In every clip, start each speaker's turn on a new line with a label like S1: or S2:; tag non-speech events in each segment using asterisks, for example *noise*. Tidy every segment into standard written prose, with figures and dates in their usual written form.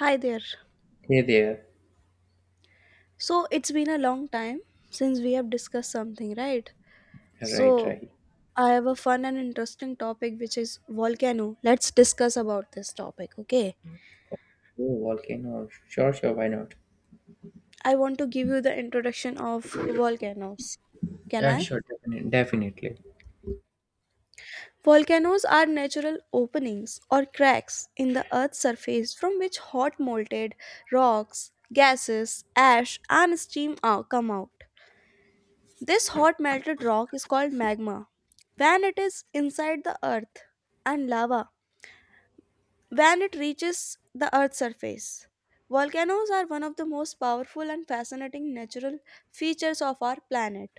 S1: Hi there.
S2: Hey there.
S1: So it's been a long time since we have discussed something, right?
S2: Right,
S1: So
S2: right.
S1: I have a fun and interesting topic which is volcano. Let's discuss about this topic, okay?
S2: Oh, volcano. Sure, sure. Why not?
S1: I want to give you the introduction of volcanoes. Can
S2: Yeah,
S1: I?
S2: sure. Definitely. Definitely.
S1: Volcanoes are natural openings or cracks in the earth's surface from which hot molten rocks, gases, ash, and steam come out. This hot melted rock is called magma when it is inside the earth, and lava when it reaches the earth's surface. Volcanoes are one of the most powerful and fascinating natural features of our planet.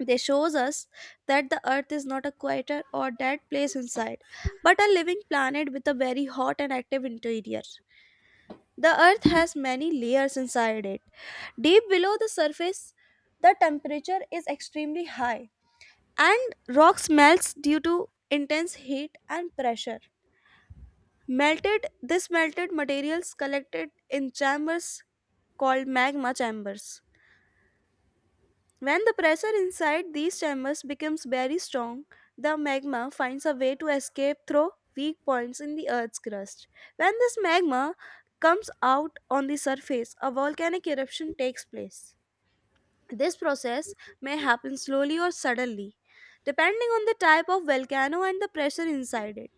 S1: They shows us that the earth is not a quieter or dead place inside, but a living planet with a very hot and active interior. The earth has many layers inside it. Deep below the surface, the temperature is extremely high and rock melts due to intense heat and pressure. Melted this melted materials collected in chambers called magma chambers. When the pressure inside these chambers becomes very strong, the magma finds a way to escape through weak points in the earth's crust. When this magma comes out on the surface, a volcanic eruption takes place. This process may happen slowly or suddenly, depending on the type of volcano and the pressure inside it.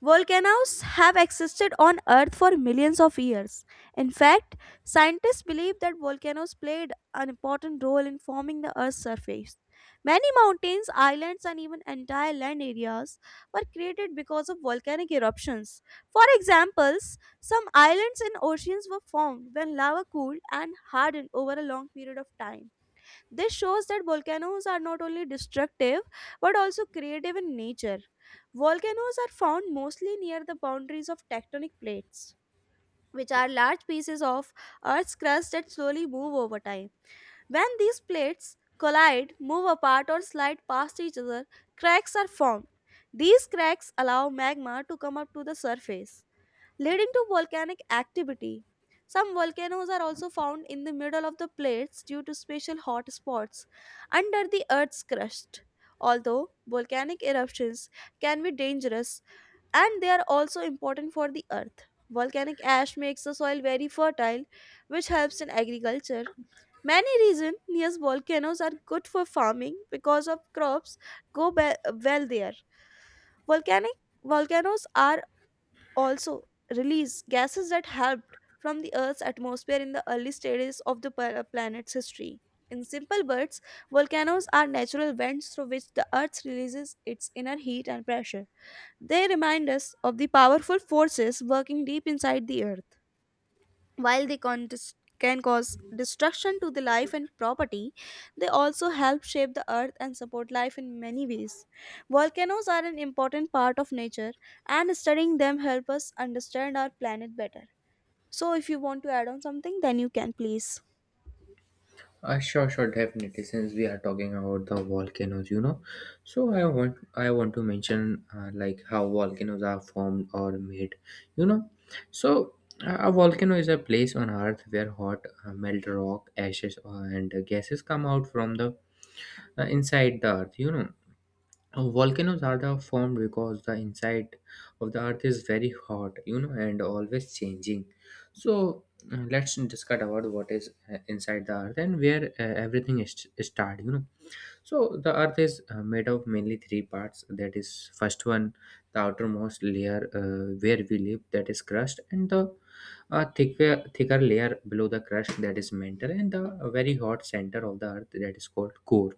S1: Volcanoes have existed on Earth for millions of years. In fact, scientists believe that volcanoes played an important role in forming the Earth's surface. Many mountains, islands, and even entire land areas were created because of volcanic eruptions. For examples, some islands and oceans were formed when lava cooled and hardened over a long period of time. This shows that volcanoes are not only destructive but also creative in nature. Volcanoes are found mostly near the boundaries of tectonic plates, which are large pieces of Earth's crust that slowly move over time. When these plates collide, move apart, or slide past each other, cracks are formed. These cracks allow magma to come up to the surface, leading to volcanic activity. Some volcanoes are also found in the middle of the plates due to special hot spots under the Earth's crust. Although volcanic eruptions can be dangerous, and they are also important for the Earth. Volcanic ash makes the soil very fertile, which helps in agriculture. Many regions near volcanoes are good for farming because of crops go be- well there. Volcanic volcanoes are also release gases that helped from the Earth's atmosphere in the early stages of the planet's history. In simple words, volcanoes are natural vents through which the Earth releases its inner heat and pressure. They remind us of the powerful forces working deep inside the Earth. While they can cause destruction to the life and property, they also help shape the earth and support life in many ways. Volcanoes are an important part of nature, and studying them help us understand our planet better. So, if you want to add on something, then you can please.
S2: Sure, sure. Definitely. Since we are talking about the volcanoes, you know, so I want to mention like how volcanoes are formed or made. You know, so a volcano is a place on Earth where hot melt rock, ashes, and gases come out from the inside the Earth. You know, volcanoes are the formed because the inside of the earth is very hot, you know, and always changing. So let's discuss about what is inside the earth and where everything is started. You know, so the earth is made of mainly three parts. That is, first one, the outermost layer where we live, that is crust, and the a thicker layer below the crust, that is mantle, and the very hot center of the earth, that is called core.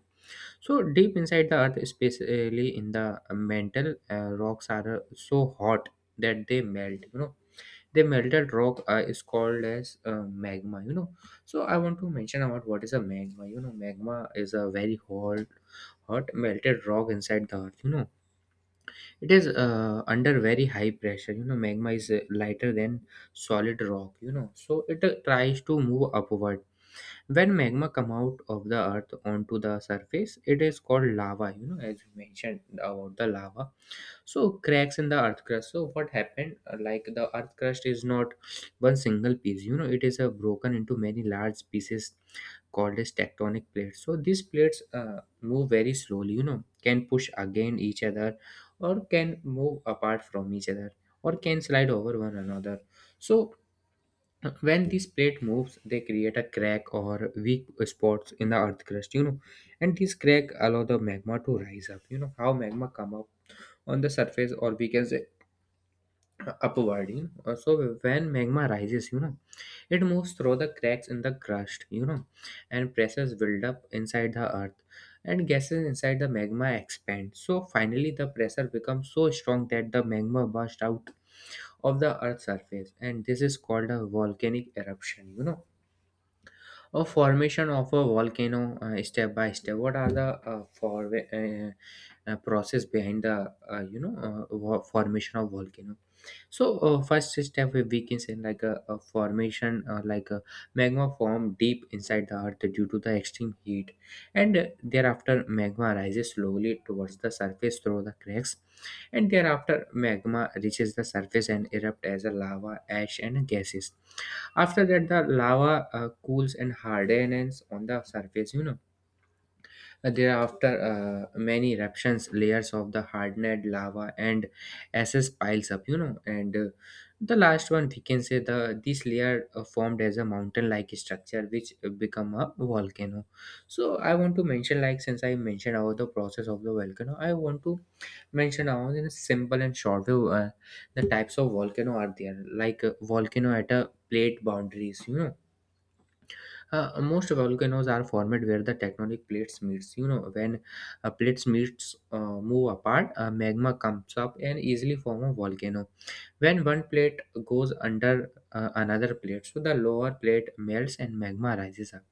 S2: So deep inside the earth, especially in the mantle, rocks are so hot that they melt. You know, the melted rock is called as magma. You know, so I want to mention about what is a magma. You know, magma is a very hot melted rock inside the earth. You know, it is under very high pressure. You know, magma is lighter than solid rock. You know, so it tries to move upward. When magma come out of the earth onto the surface, it is called lava, you know, as you mentioned about the lava. So cracks in the earth crust, so what happened like the earth crust is not one single piece, you know, it is broken into many large pieces called as tectonic plates. So these plates move very slowly, you know, can push against each other, or can move apart from each other, or can slide over one another. So when this plate moves, they create a crack or weak spots in the earth crust, you know, and this crack allow the magma to rise up. You know, how magma come up on the surface, or we can say *clears throat* upward, you know. So when magma rises, you know, it moves through the cracks in the crust, you know, and pressures build up inside the earth, and gases inside the magma expand. So finally the pressure becomes so strong that the magma bursts out of the earth's surface, and this is called a volcanic eruption, you know, a formation of a volcano, step by step. What are the for process behind the formation of volcano? So first step we can say like a formation like a magma form deep inside the earth due to the extreme heat, and thereafter magma rises slowly towards the surface through the cracks, and thereafter magma reaches the surface and erupt as a lava, ash, and gases. After that, the lava cools and hardens on the surface, you know. Thereafter, many eruptions, layers of the hardened lava and ashes piles up, you know. And the last one, we can say the this layer formed as a mountain-like structure, which become a volcano. So I want to mention, like, since I mentioned about the process of the volcano, I want to mention now in a simple and short way the types of volcano are there, like volcano at a plate boundaries, you know. Most volcanoes are formed where the tectonic plates meets. You know, when plates meets move apart, magma comes up and easily form a volcano. When one plate goes under another plate, so the lower plate melts and magma rises up.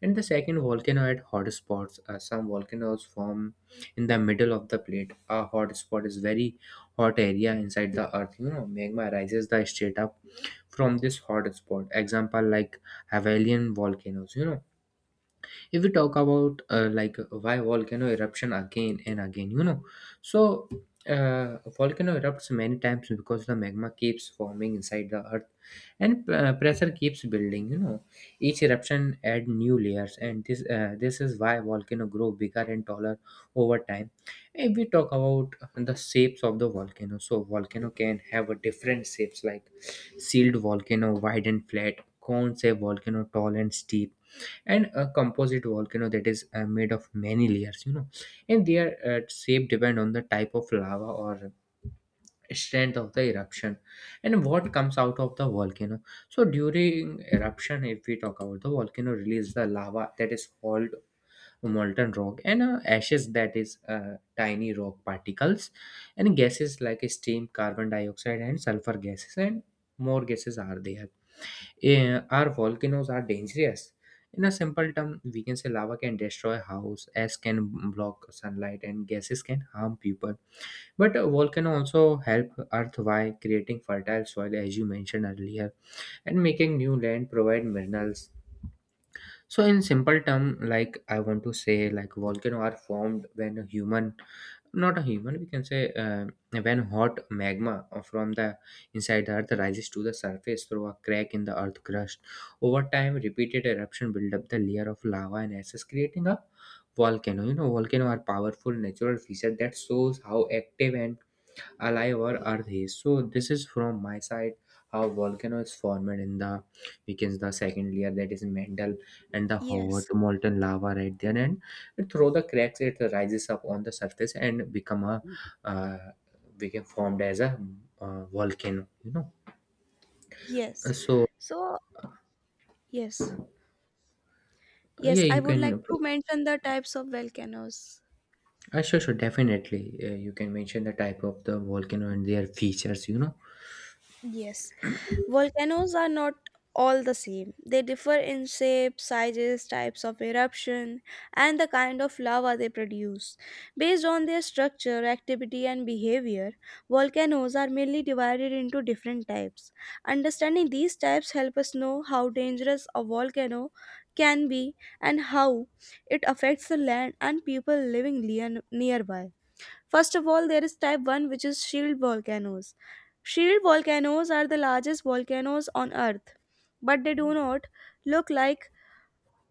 S2: And the second, volcano at hotspots. Some volcanoes form in the middle of the plate. A hotspot is very hot area inside the earth. You know, magma rises the straight up from this hotspot. Example like Hawaiian volcanoes. You know, if we talk about like why volcano eruption again and again, you know, so volcano erupts many times because the magma keeps forming inside the earth, and pressure keeps building, you know. Each eruption add new layers, and this is why volcano grow bigger and taller over time. If we talk about the shapes of the volcano, so volcano can have a different shapes, like sealed volcano wide and flat, cone shaped volcano tall and steep, and a composite volcano that is made of many layers, you know. And their shape depend on the type of lava or strength of the eruption and what comes out of the volcano. So during eruption, if we talk about the volcano release the lava, that is called molten rock, and ashes, that is tiny rock particles, and gases like steam, carbon dioxide, and sulfur gases, and more gases are there. Eh, our volcanoes are dangerous. In a simple term, we can say lava can destroy house, ash can block sunlight, and gases can harm people. But a volcano also help Earth by creating fertile soil, as you mentioned earlier, and making new land, provide minerals. So in simple term, like, I want to say like volcano are formed when a human, not a human, we can say when hot magma from the inside earth rises to the surface through a crack in the earth crust. Over time, repeated eruption build up the layer of lava and ashes, creating a volcano, you know. Volcano are powerful natural feature that shows how active and alive or earthy. So this is from my side how volcano is formed in the, we can, the second layer, that is mantle, and the hot
S1: Yes,
S2: molten lava right there, and through the cracks it rises up on the surface and become a uh, become formed as a volcano, you know. Uh,
S1: yes.
S2: so
S1: So, yes, yes,
S2: yeah,
S1: I
S2: you
S1: would like
S2: can,
S1: to mention the types of volcanoes.
S2: sure, sure, definitely, you can mention the type of the volcano and their features, you know.
S1: Yes. Volcanoes are not all the same. They differ in shape, sizes, types of eruption, and the kind of lava they produce. Based on their structure, activity, and behavior, volcanoes are mainly divided into different types. Understanding these types help us know how dangerous a volcano can be and how it affects the land and people living nearby. First of all, there is type 1, which is shield volcanoes. Shield volcanoes are the largest volcanoes on Earth, but they do not look like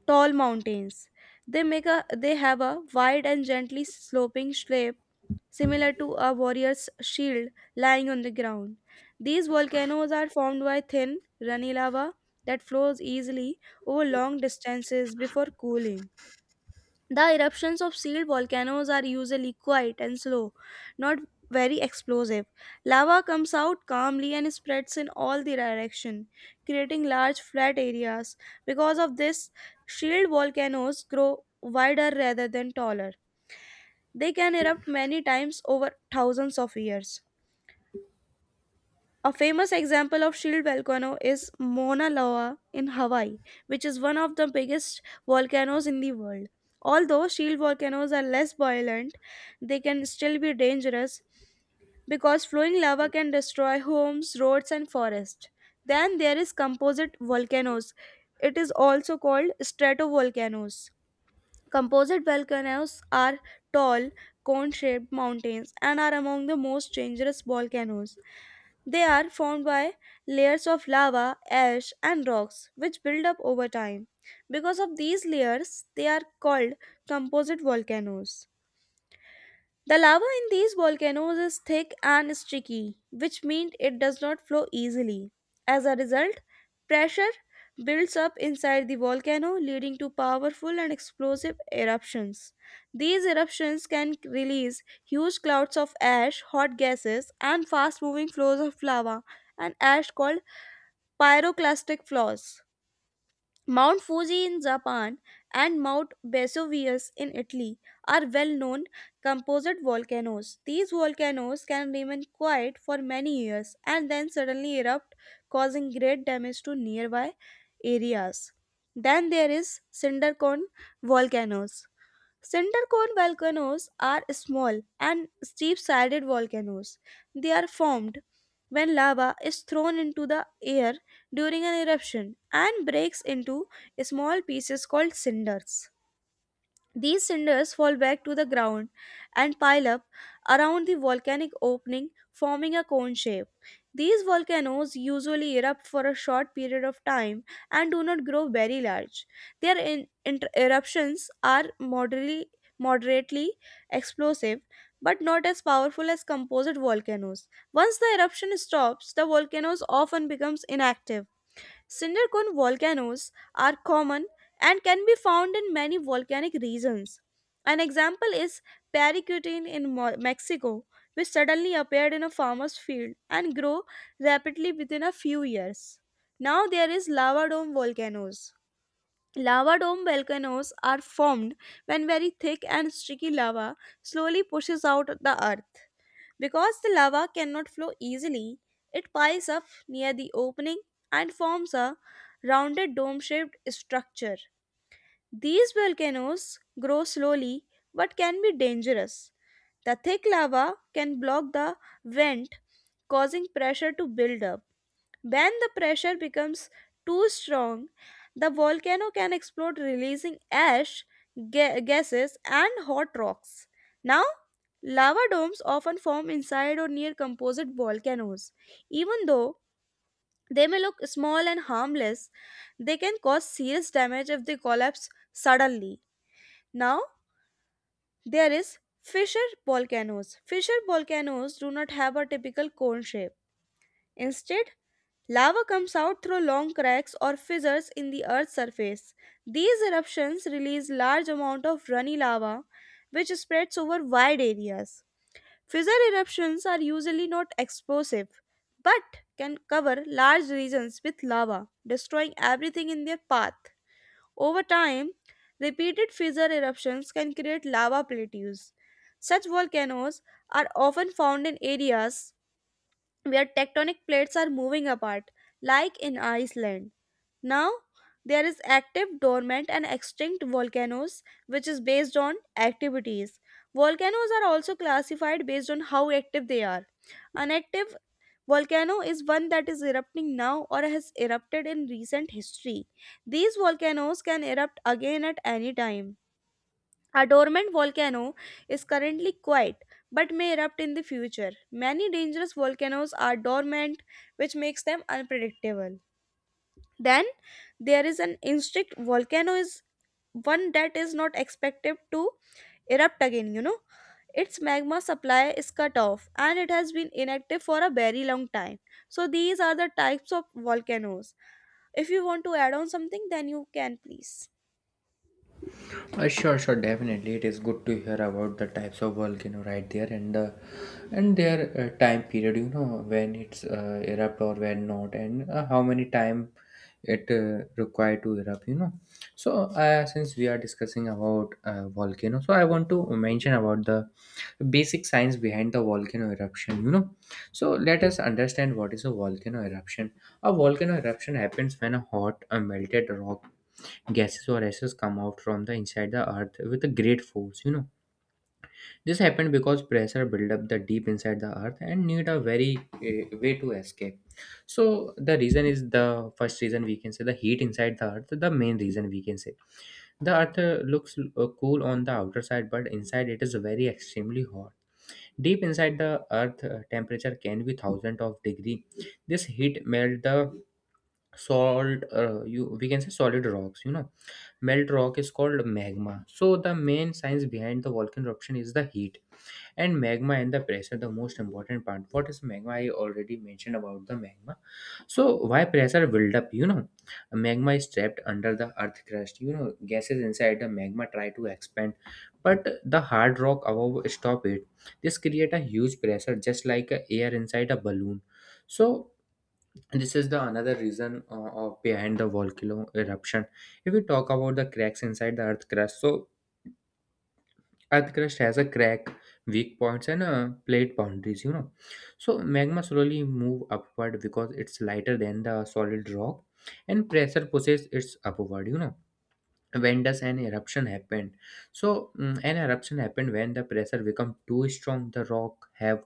S1: tall mountains. They make a they have a wide and gently sloping shape, similar to a warrior's shield lying on the ground. These volcanoes are formed by thin, runny lava that flows easily over long distances before cooling. The eruptions of sealed volcanoes are usually quiet and slow, not very explosive. Lava comes out calmly and spreads in all the direction, creating large flat areas. Because of this, shield volcanoes grow wider rather than taller. They can erupt many times over thousands of years. A famous example of shield volcano is Mauna Loa in Hawaii, which is one of the biggest volcanoes in the world. Although shield volcanoes are less violent, they can still be dangerous because flowing lava can destroy homes, roads, and forests. Then there is composite volcanoes. It is also called stratovolcanoes. Composite volcanoes are tall, cone shaped mountains and are among the most dangerous volcanoes. They are formed by layers of lava, ash, and rocks which build up over time. Because of these layers, they are called composite volcanoes. The lava in these volcanoes is thick and sticky, which means it does not flow easily. As a result, pressure builds up inside the volcano, leading to powerful and explosive eruptions. These eruptions can release huge clouds of ash, hot gases, and fast moving flows of lava and ash called pyroclastic flows. Mount Fuji in Japan and Mount Vesuvius in Italy are well known composite volcanoes. These volcanoes can remain quiet for many years and then suddenly erupt, causing great damage to nearby areas. Then there is Sindarcon volcanoes Center cone volcanoes are small and steep sided volcanoes. They are formed when lava is thrown into the air during an eruption and breaks into small pieces called cinders. These cinders fall back to the ground and pile up around the volcanic opening, forming a cone shape. These volcanoes usually erupt for a short period of time and do not grow very large. Their eruptions are moderately explosive but not as powerful as composite volcanoes. Once the eruption stops, the volcanoes often becomes inactive. Cinder cone volcanoes are common and can be found in many volcanic regions. An example is Paricutin in Mexico, which suddenly appeared in a farmer's field and grew rapidly within a few years. Now there is lava dome volcanoes. Lava dome volcanoes are formed when very thick and sticky lava slowly pushes out the earth. Because the lava cannot flow easily, it piles up near the opening and forms a rounded dome shaped structure. These volcanoes grow slowly but can be dangerous. The thick lava can block the vent, causing pressure to build up. When the pressure becomes too strong, the volcano can explode, releasing ash, gases, and hot rocks. Now, lava domes often form inside or near composite volcanoes. Even though they may look small and harmless, they can cause serious damage if they collapse suddenly. Now, there is fissure volcanoes. Fissure volcanoes do not have a typical cone shape. Instead, lava comes out through long cracks or fissures in the earth's surface. These eruptions release large amount of runny lava, which spreads over wide areas. Fissure eruptions are usually not explosive but can cover large regions with lava, destroying everything in their path. Over time, repeated fissure eruptions can create lava plateaus. Such volcanoes are often found in areas where tectonic plates are moving apart, like in Iceland. Now, there is active, dormant, and extinct volcanoes, which is based on activities. Volcanoes are also classified based on how active they are. An active volcano is one that is erupting now or has erupted in recent history. These volcanoes can erupt again at any time. A dormant volcano is currently quiet but may erupt in the future. Many dangerous volcanoes are dormant, which makes them unpredictable. Then there is an instinct volcano is one that is not expected to erupt again. Its magma supply is cut off and it has been inactive for a very long time. So these are the types of volcanoes. If you want to add on something then you can please.
S2: Sure, sure, definitely. It is good to hear about the types of volcano right there, and their time period. You know, when it's erupt or when not, and how many time it required to erupt. You know, so since we are discussing about volcano, so I want to mention about the basic science behind the volcano eruption. You know, so let us understand what is a volcano eruption. A volcano eruption happens when a hot, melted rock, gases, or ashes come out from the inside the earth with a great force, you know. This happened because pressure build up the deep inside the earth and need a very way to escape. So the reason is, the first reason we can say the heat inside the earth, the main reason we can say the earth looks cool on the outer side, but inside it is very extremely hot. Deep inside the earth, temperature can be thousand of degree. This heat melt the salt you, we can say, solid rocks, you know. Melt rock is called magma. So the main science behind the volcano eruption is the heat and magma and the pressure, the most important part. What is magma? I already mentioned about the magma. So why pressure build up, you know? Magma is trapped under the earth crust, you know. Gases inside the magma try to expand, but the hard rock above stop it. This create a huge pressure, just like a air inside a balloon. So this is the another reason of behind the volcano eruption. If we talk about the cracks inside the earth crust, so earth crust has a crack, weak points and plate boundaries, you know. So magma slowly move upward because it's lighter than the solid rock, and pressure pushes it's upward, you know. When does an eruption happen? So an eruption happened when the pressure become too strong, the rock have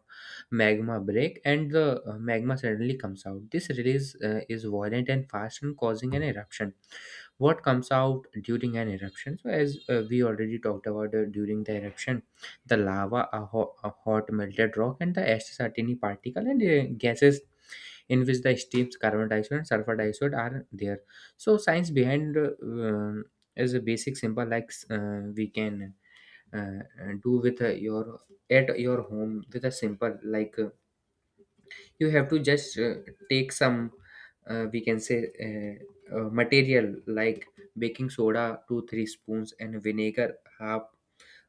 S2: magma break, and the magma suddenly comes out. This release is violent and fast and causing an eruption. What comes out during an eruption? So as we already talked about, during the eruption, the lava, a hot melted rock, and the ash, tiny particle, and gases, in which the steams, carbon dioxide, and sulfur dioxide are there. So science behind is a basic simple, like we can do with your, at your home, with a simple, like you have to just take some we can say material like baking soda two three spoons and vinegar half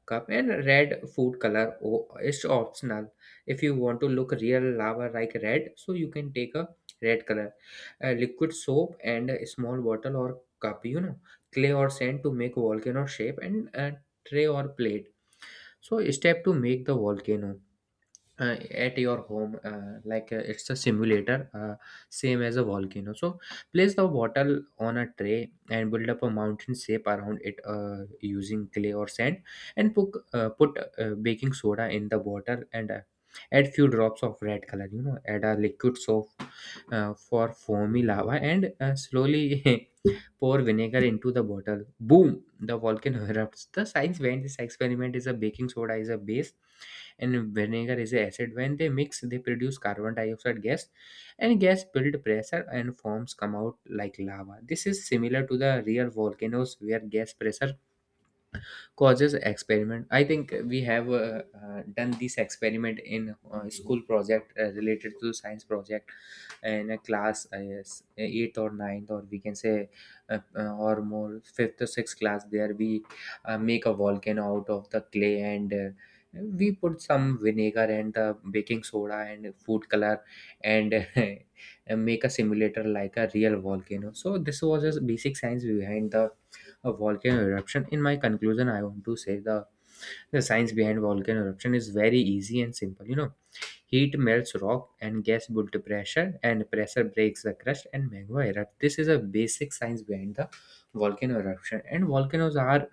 S2: cup and red food color is optional. If you want to look real lava like red, so you can take a red color, a liquid soap, and a Small bottle or cup, you know, clay or sand to make volcano shape, and a tray or plate. So step to make the volcano uh, at your home, like it's a simulator, same as a volcano. So place the bottle on a tray and build up a mountain shape around it, using clay or sand, and put baking soda in the water, and add few drops of red color, you know, add a liquid soap for foamy lava, and slowly *laughs* pour vinegar into the bottle. Boom! The volcano *laughs* erupts. The science behind this experiment is, a baking soda is a base and vinegar is a acid. When they mix, they produce carbon dioxide gas, and gas build pressure and forms come out like lava. This is similar to the real volcanoes where gas pressure causes experiment. I think we have done this experiment in school project related to science project in a class. Yes, eighth or ninth, or we can say or more, fifth or sixth class. There we make a volcano out of the clay, and we put some vinegar and the baking soda and food color and *laughs* and make a simulator like a real volcano. So this was just basic science behind the a volcano eruption. In my conclusion, I want to say the science behind volcano eruption is very easy and simple. You know, heat melts rock and gas built to pressure, and pressure breaks the crust and magma erupts. This is a basic science behind the volcano eruption. And volcanoes are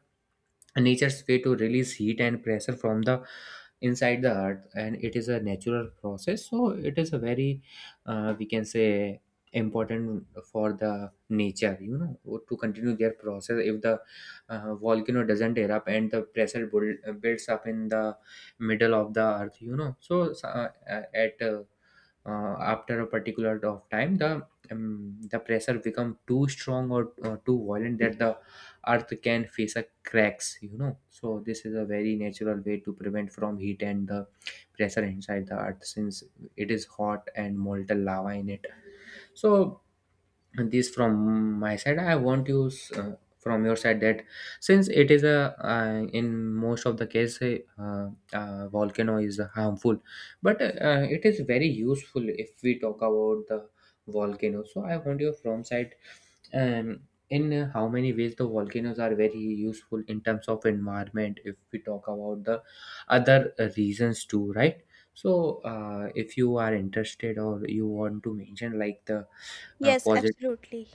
S2: nature's way to release heat and pressure from the inside the earth, and it is a natural process, so it is a very we can say important for the nature, you know, to continue their process. If the volcano doesn't erupt and the pressure builds up in the middle of the earth, you know, so at after a particular of time, the pressure become too strong or too violent, that the earth can face a cracks, you know. So this is a very natural way to prevent from heat and the pressure inside the earth, since it is hot and molten lava in it. So this from my side, I want you uh, from your side that, since it is a in most of the case, volcano is harmful, but it is very useful if we talk about the volcano. So I want you from side, um, in how many ways the volcanoes are very useful in terms of environment if we talk about the other reasons too, right? So if you are interested or you want to mention like the
S1: Yes,
S2: positive
S1: absolutely.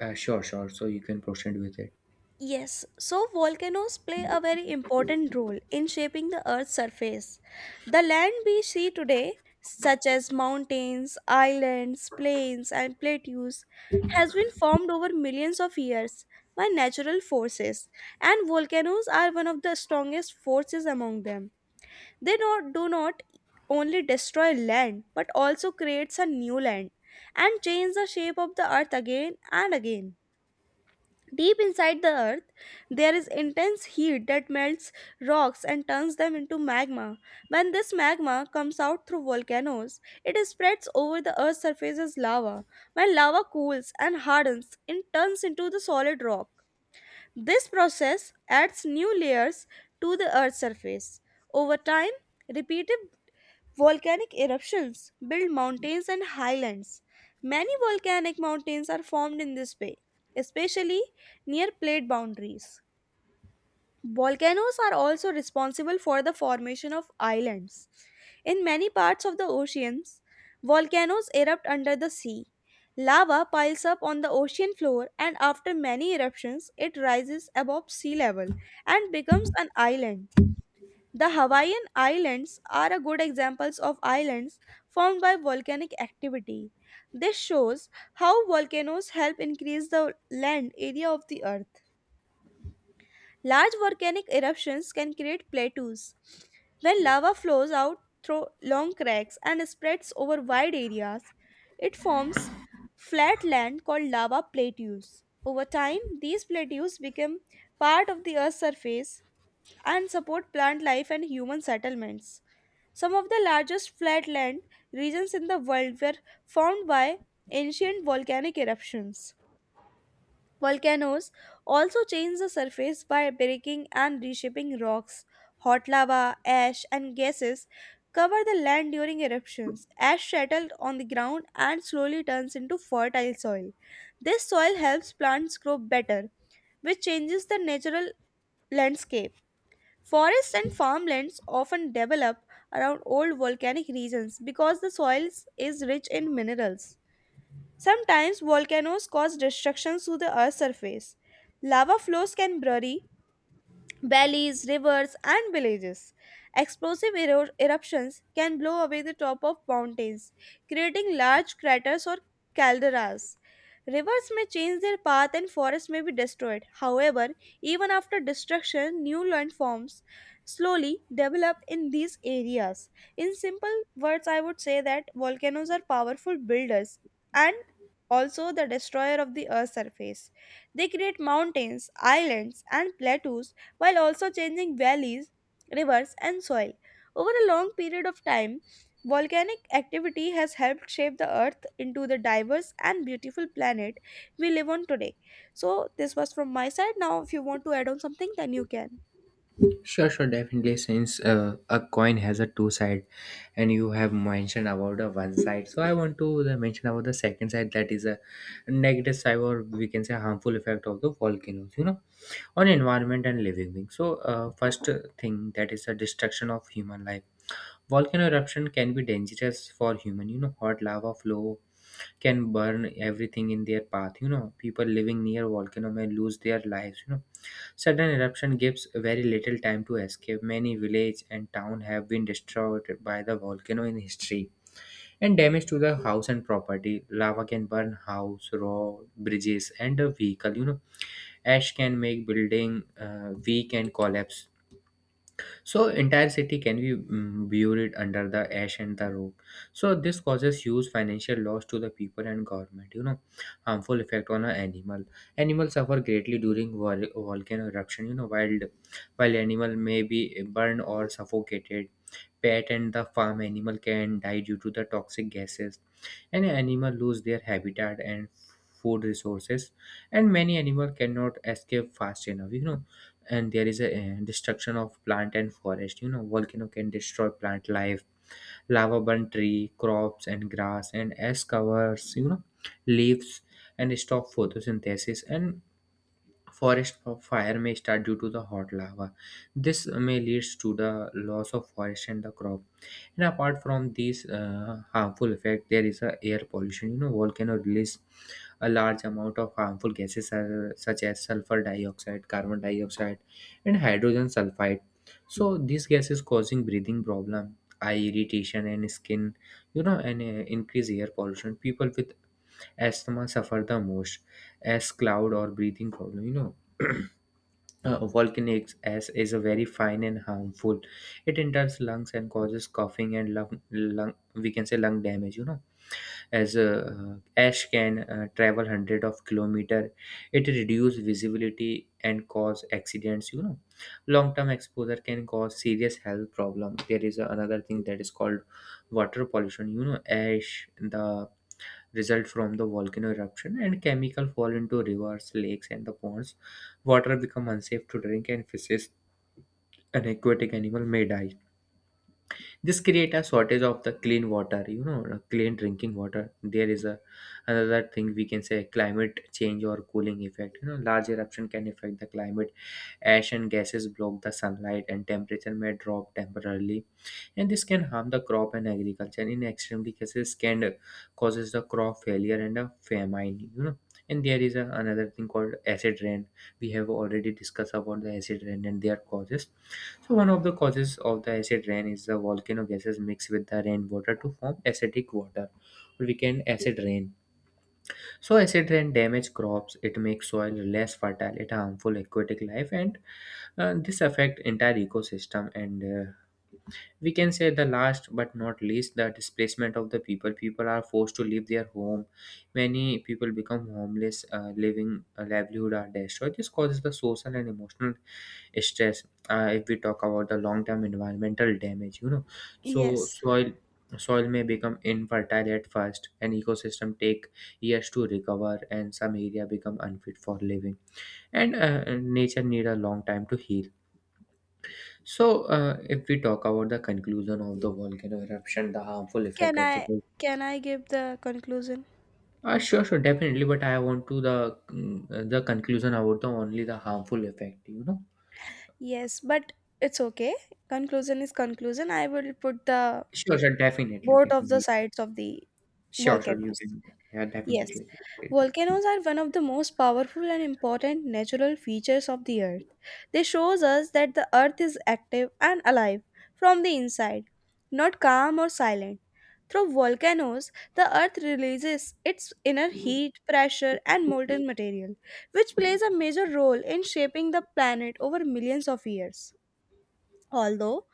S2: sure, sure. So you can proceed with it.
S1: Yes, so volcanoes play a very important role in shaping the Earth's surface. The land we see today, such as mountains, islands, plains, and plateaus, has been formed over millions of years by natural forces, and volcanoes are one of the strongest forces among them. They not, do not only destroy land but also creates a new land and change the shape of the earth again and again. Deep inside the earth, there is intense heat that melts rocks and turns them into magma. When this magma comes out through volcanoes, it spreads over the earth's surface as lava. When lava cools and hardens, it turns into the solid rock. This process adds new layers to the earth's surface. Over time, repeated volcanic eruptions build mountains and highlands. Many volcanic mountains are formed in this way, especially near plate boundaries. Volcanoes are also responsible for the formation of islands. In many parts of the oceans, volcanoes erupt under the sea. Lava piles up on the ocean floor, and after many eruptions, it rises above sea level and becomes an island. The Hawaiian Islands are a good examples of islands formed by volcanic activity. This shows how volcanoes help increase the land area of the earth. Large volcanic eruptions can create plateaus. When lava flows out through long cracks and spreads over wide areas, it forms flat land called lava plateaus. Over time, these plateaus become part of the earth's surface and support plant life and human settlements. Some of the largest flatland regions in the world were formed by ancient volcanic eruptions. Volcanoes also change the surface by breaking and reshaping rocks. Hot lava, ash, and gases cover the land during eruptions. Ash settles on the ground and slowly turns into fertile soil. This soil helps plants grow better, which changes the natural landscape. Forests and farmlands often develop around old volcanic regions because the soil is rich in minerals. Sometimes volcanoes cause destruction to the earth's surface. Lava flows can bury valleys, rivers, and villages. Explosive eruptions can blow away the top of mountains, creating large craters or calderas. Rivers may change their path and forests may be destroyed. However, even after destruction, new landforms slowly develop in these areas. In simple words, I would say that volcanoes are powerful builders and also the destroyer of the earth's surface. They create mountains, islands, and plateaus while also changing valleys, rivers, and soil. Over a long period of time, volcanic activity has helped shape the earth into the diverse and beautiful planet we live on today. So, this was from my side. Now, if you want to add on something, then you can.
S2: Sure, sure, definitely. Since a coin has a two side, and you have mentioned about the one side, so I want to the mention about the second side, that is a negative side, or we can say harmful effect of the volcanoes, you know, on environment and living beings. So, first thing that is the destruction of human life. Volcano eruption can be dangerous for human, you know, hot lava flow can burn everything in their path, you know, people living near volcano may lose their lives, you know, sudden eruption gives very little time to escape. Many village and town have been destroyed by the volcano in history, and damage to the house and property. Lava can burn house, road, bridges, and a vehicle, you know, ash can make building weak and collapse, so entire city can be buried under the ash and the rock. So this causes huge financial loss to the people and government. You know, harmful effect on an animal. Animals suffer greatly during volcano eruption. You know, wild while animal may be burned or suffocated. Pet and the farm animal can die due to the toxic gases, and animal lose their habitat and food resources, and many animal cannot escape fast enough, you know. And there is a destruction of plant and forest. You know, volcano can destroy plant life, lava burn tree, crops, and grass, and ash covers, you know, leaves, and stop photosynthesis. And Forest fire may start due to the hot lava. This may lead to the loss of forest and the crop. And apart from these harmful effect, there is a air pollution. You know, volcano release a large amount of harmful gases such as sulfur dioxide, carbon dioxide, and hydrogen sulfide. So these gases causing breathing problem, eye irritation, and skin. You know, and increase air pollution. People with asthma suffer the most, as cloud or breathing problem, you know. *clears throat* Volcanic ash is a very fine and harmful, it enters lungs and causes coughing and lung, we can say lung damage, you know, as ash can travel hundred of kilometer. It reduce visibility and cause accidents, you know, long term exposure can cause serious health problem. There is another thing that is called water pollution. You know, ash the result from the volcano eruption and chemical fall into rivers, lakes, and the ponds. Water become unsafe to drink, and fishes and aquatic animal may die. This create a shortage of the clean water, you know, clean drinking water. There is a another thing we can say climate change or cooling effect. You know, large eruption can affect the climate. Ash and gases block the sunlight, and temperature may drop temporarily, and this can harm the crop and agriculture. In extremely cases can causes the crop failure and a famine, you know. And there is a another thing called acid rain. We have already discussed about the acid rain and their causes. So one of the causes of the acid rain is the volcano gases mixed with the rainwater to form acidic water, or we can acid rain. So acid rain damage crops, it makes soil less fertile, it harmful aquatic life, and this affect entire ecosystem. And we can say the last but not least, the displacement of the people. People are forced to leave their home, many people become homeless, living, livelihood are destroyed. This causes the social and emotional stress. If we talk about the long term environmental damage, you know, so
S1: Yes.
S2: soil may become infertile at first, and ecosystem take years to recover, and some area become unfit for living, and nature need a long time to heal. So, if we talk about the conclusion of the volcano eruption, the harmful effect
S1: Can
S2: of the
S1: I
S2: volcano,
S1: can I give the conclusion?
S2: sure, sure, definitely. But I want to the the conclusion about the only the harmful effect. You know,
S1: Yes, but it's okay. Conclusion is conclusion. I will put the
S2: sure, sure, definitely,
S1: both of the
S2: definitely,
S1: sides of the
S2: sure, sure. You
S1: volcanoes.
S2: can, yeah,
S1: Yes,
S2: definitely.
S1: volcanoes are one of the most powerful and important natural features of the earth. They shows us that the earth is active and alive from the inside, not calm or silent. Through volcanoes, the earth releases its inner heat, pressure and molten material, which plays a major role in shaping the planet over millions of years. Although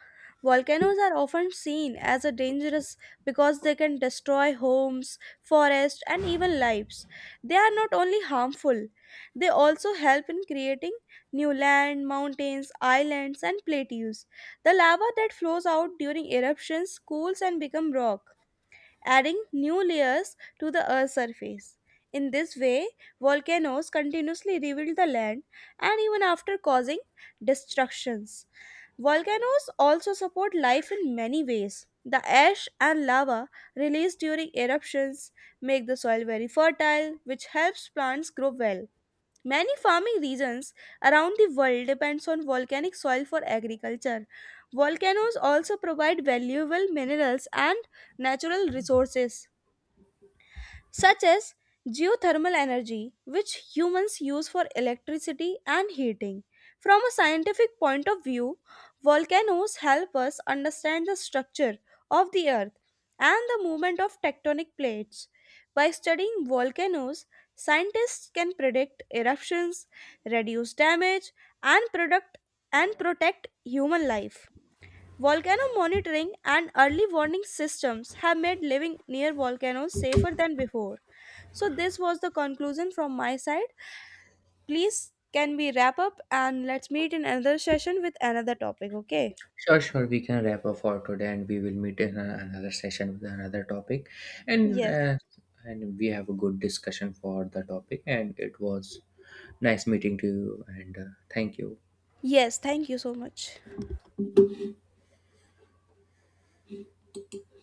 S1: volcanoes are often seen as a dangerous because they can destroy homes, forests, and even lives, they are not only harmful, they also help in creating new land, mountains, islands, and plateaus. The lava that flows out during eruptions cools and becomes rock, adding new layers to the Earth's surface. In this way, volcanoes continuously reveal the land and even after causing destructions. Volcanoes also support life in many ways. The ash and lava released during eruptions make the soil very fertile, which helps plants grow well. Many farming regions around the world depends on volcanic soil for agriculture. Volcanoes also provide valuable minerals and natural resources such as geothermal energy, which humans use for electricity and heating. From a scientific point of view, volcanoes help us understand the structure of the earth and the movement of tectonic plates. By studying volcanoes, scientists can predict eruptions, reduce damage, and product and protect human life. Volcano monitoring and early warning systems have made living near volcanoes safer than before. So this was the conclusion from my side. Please can we wrap up and let's meet in another session with another topic, okay?
S2: Sure, sure. We can wrap up for today, and we will meet in another session with another topic, and
S1: Yes.
S2: uh, and we have a good discussion for the topic. And it was nice meeting to you, and thank you.
S1: Yes, thank you so much.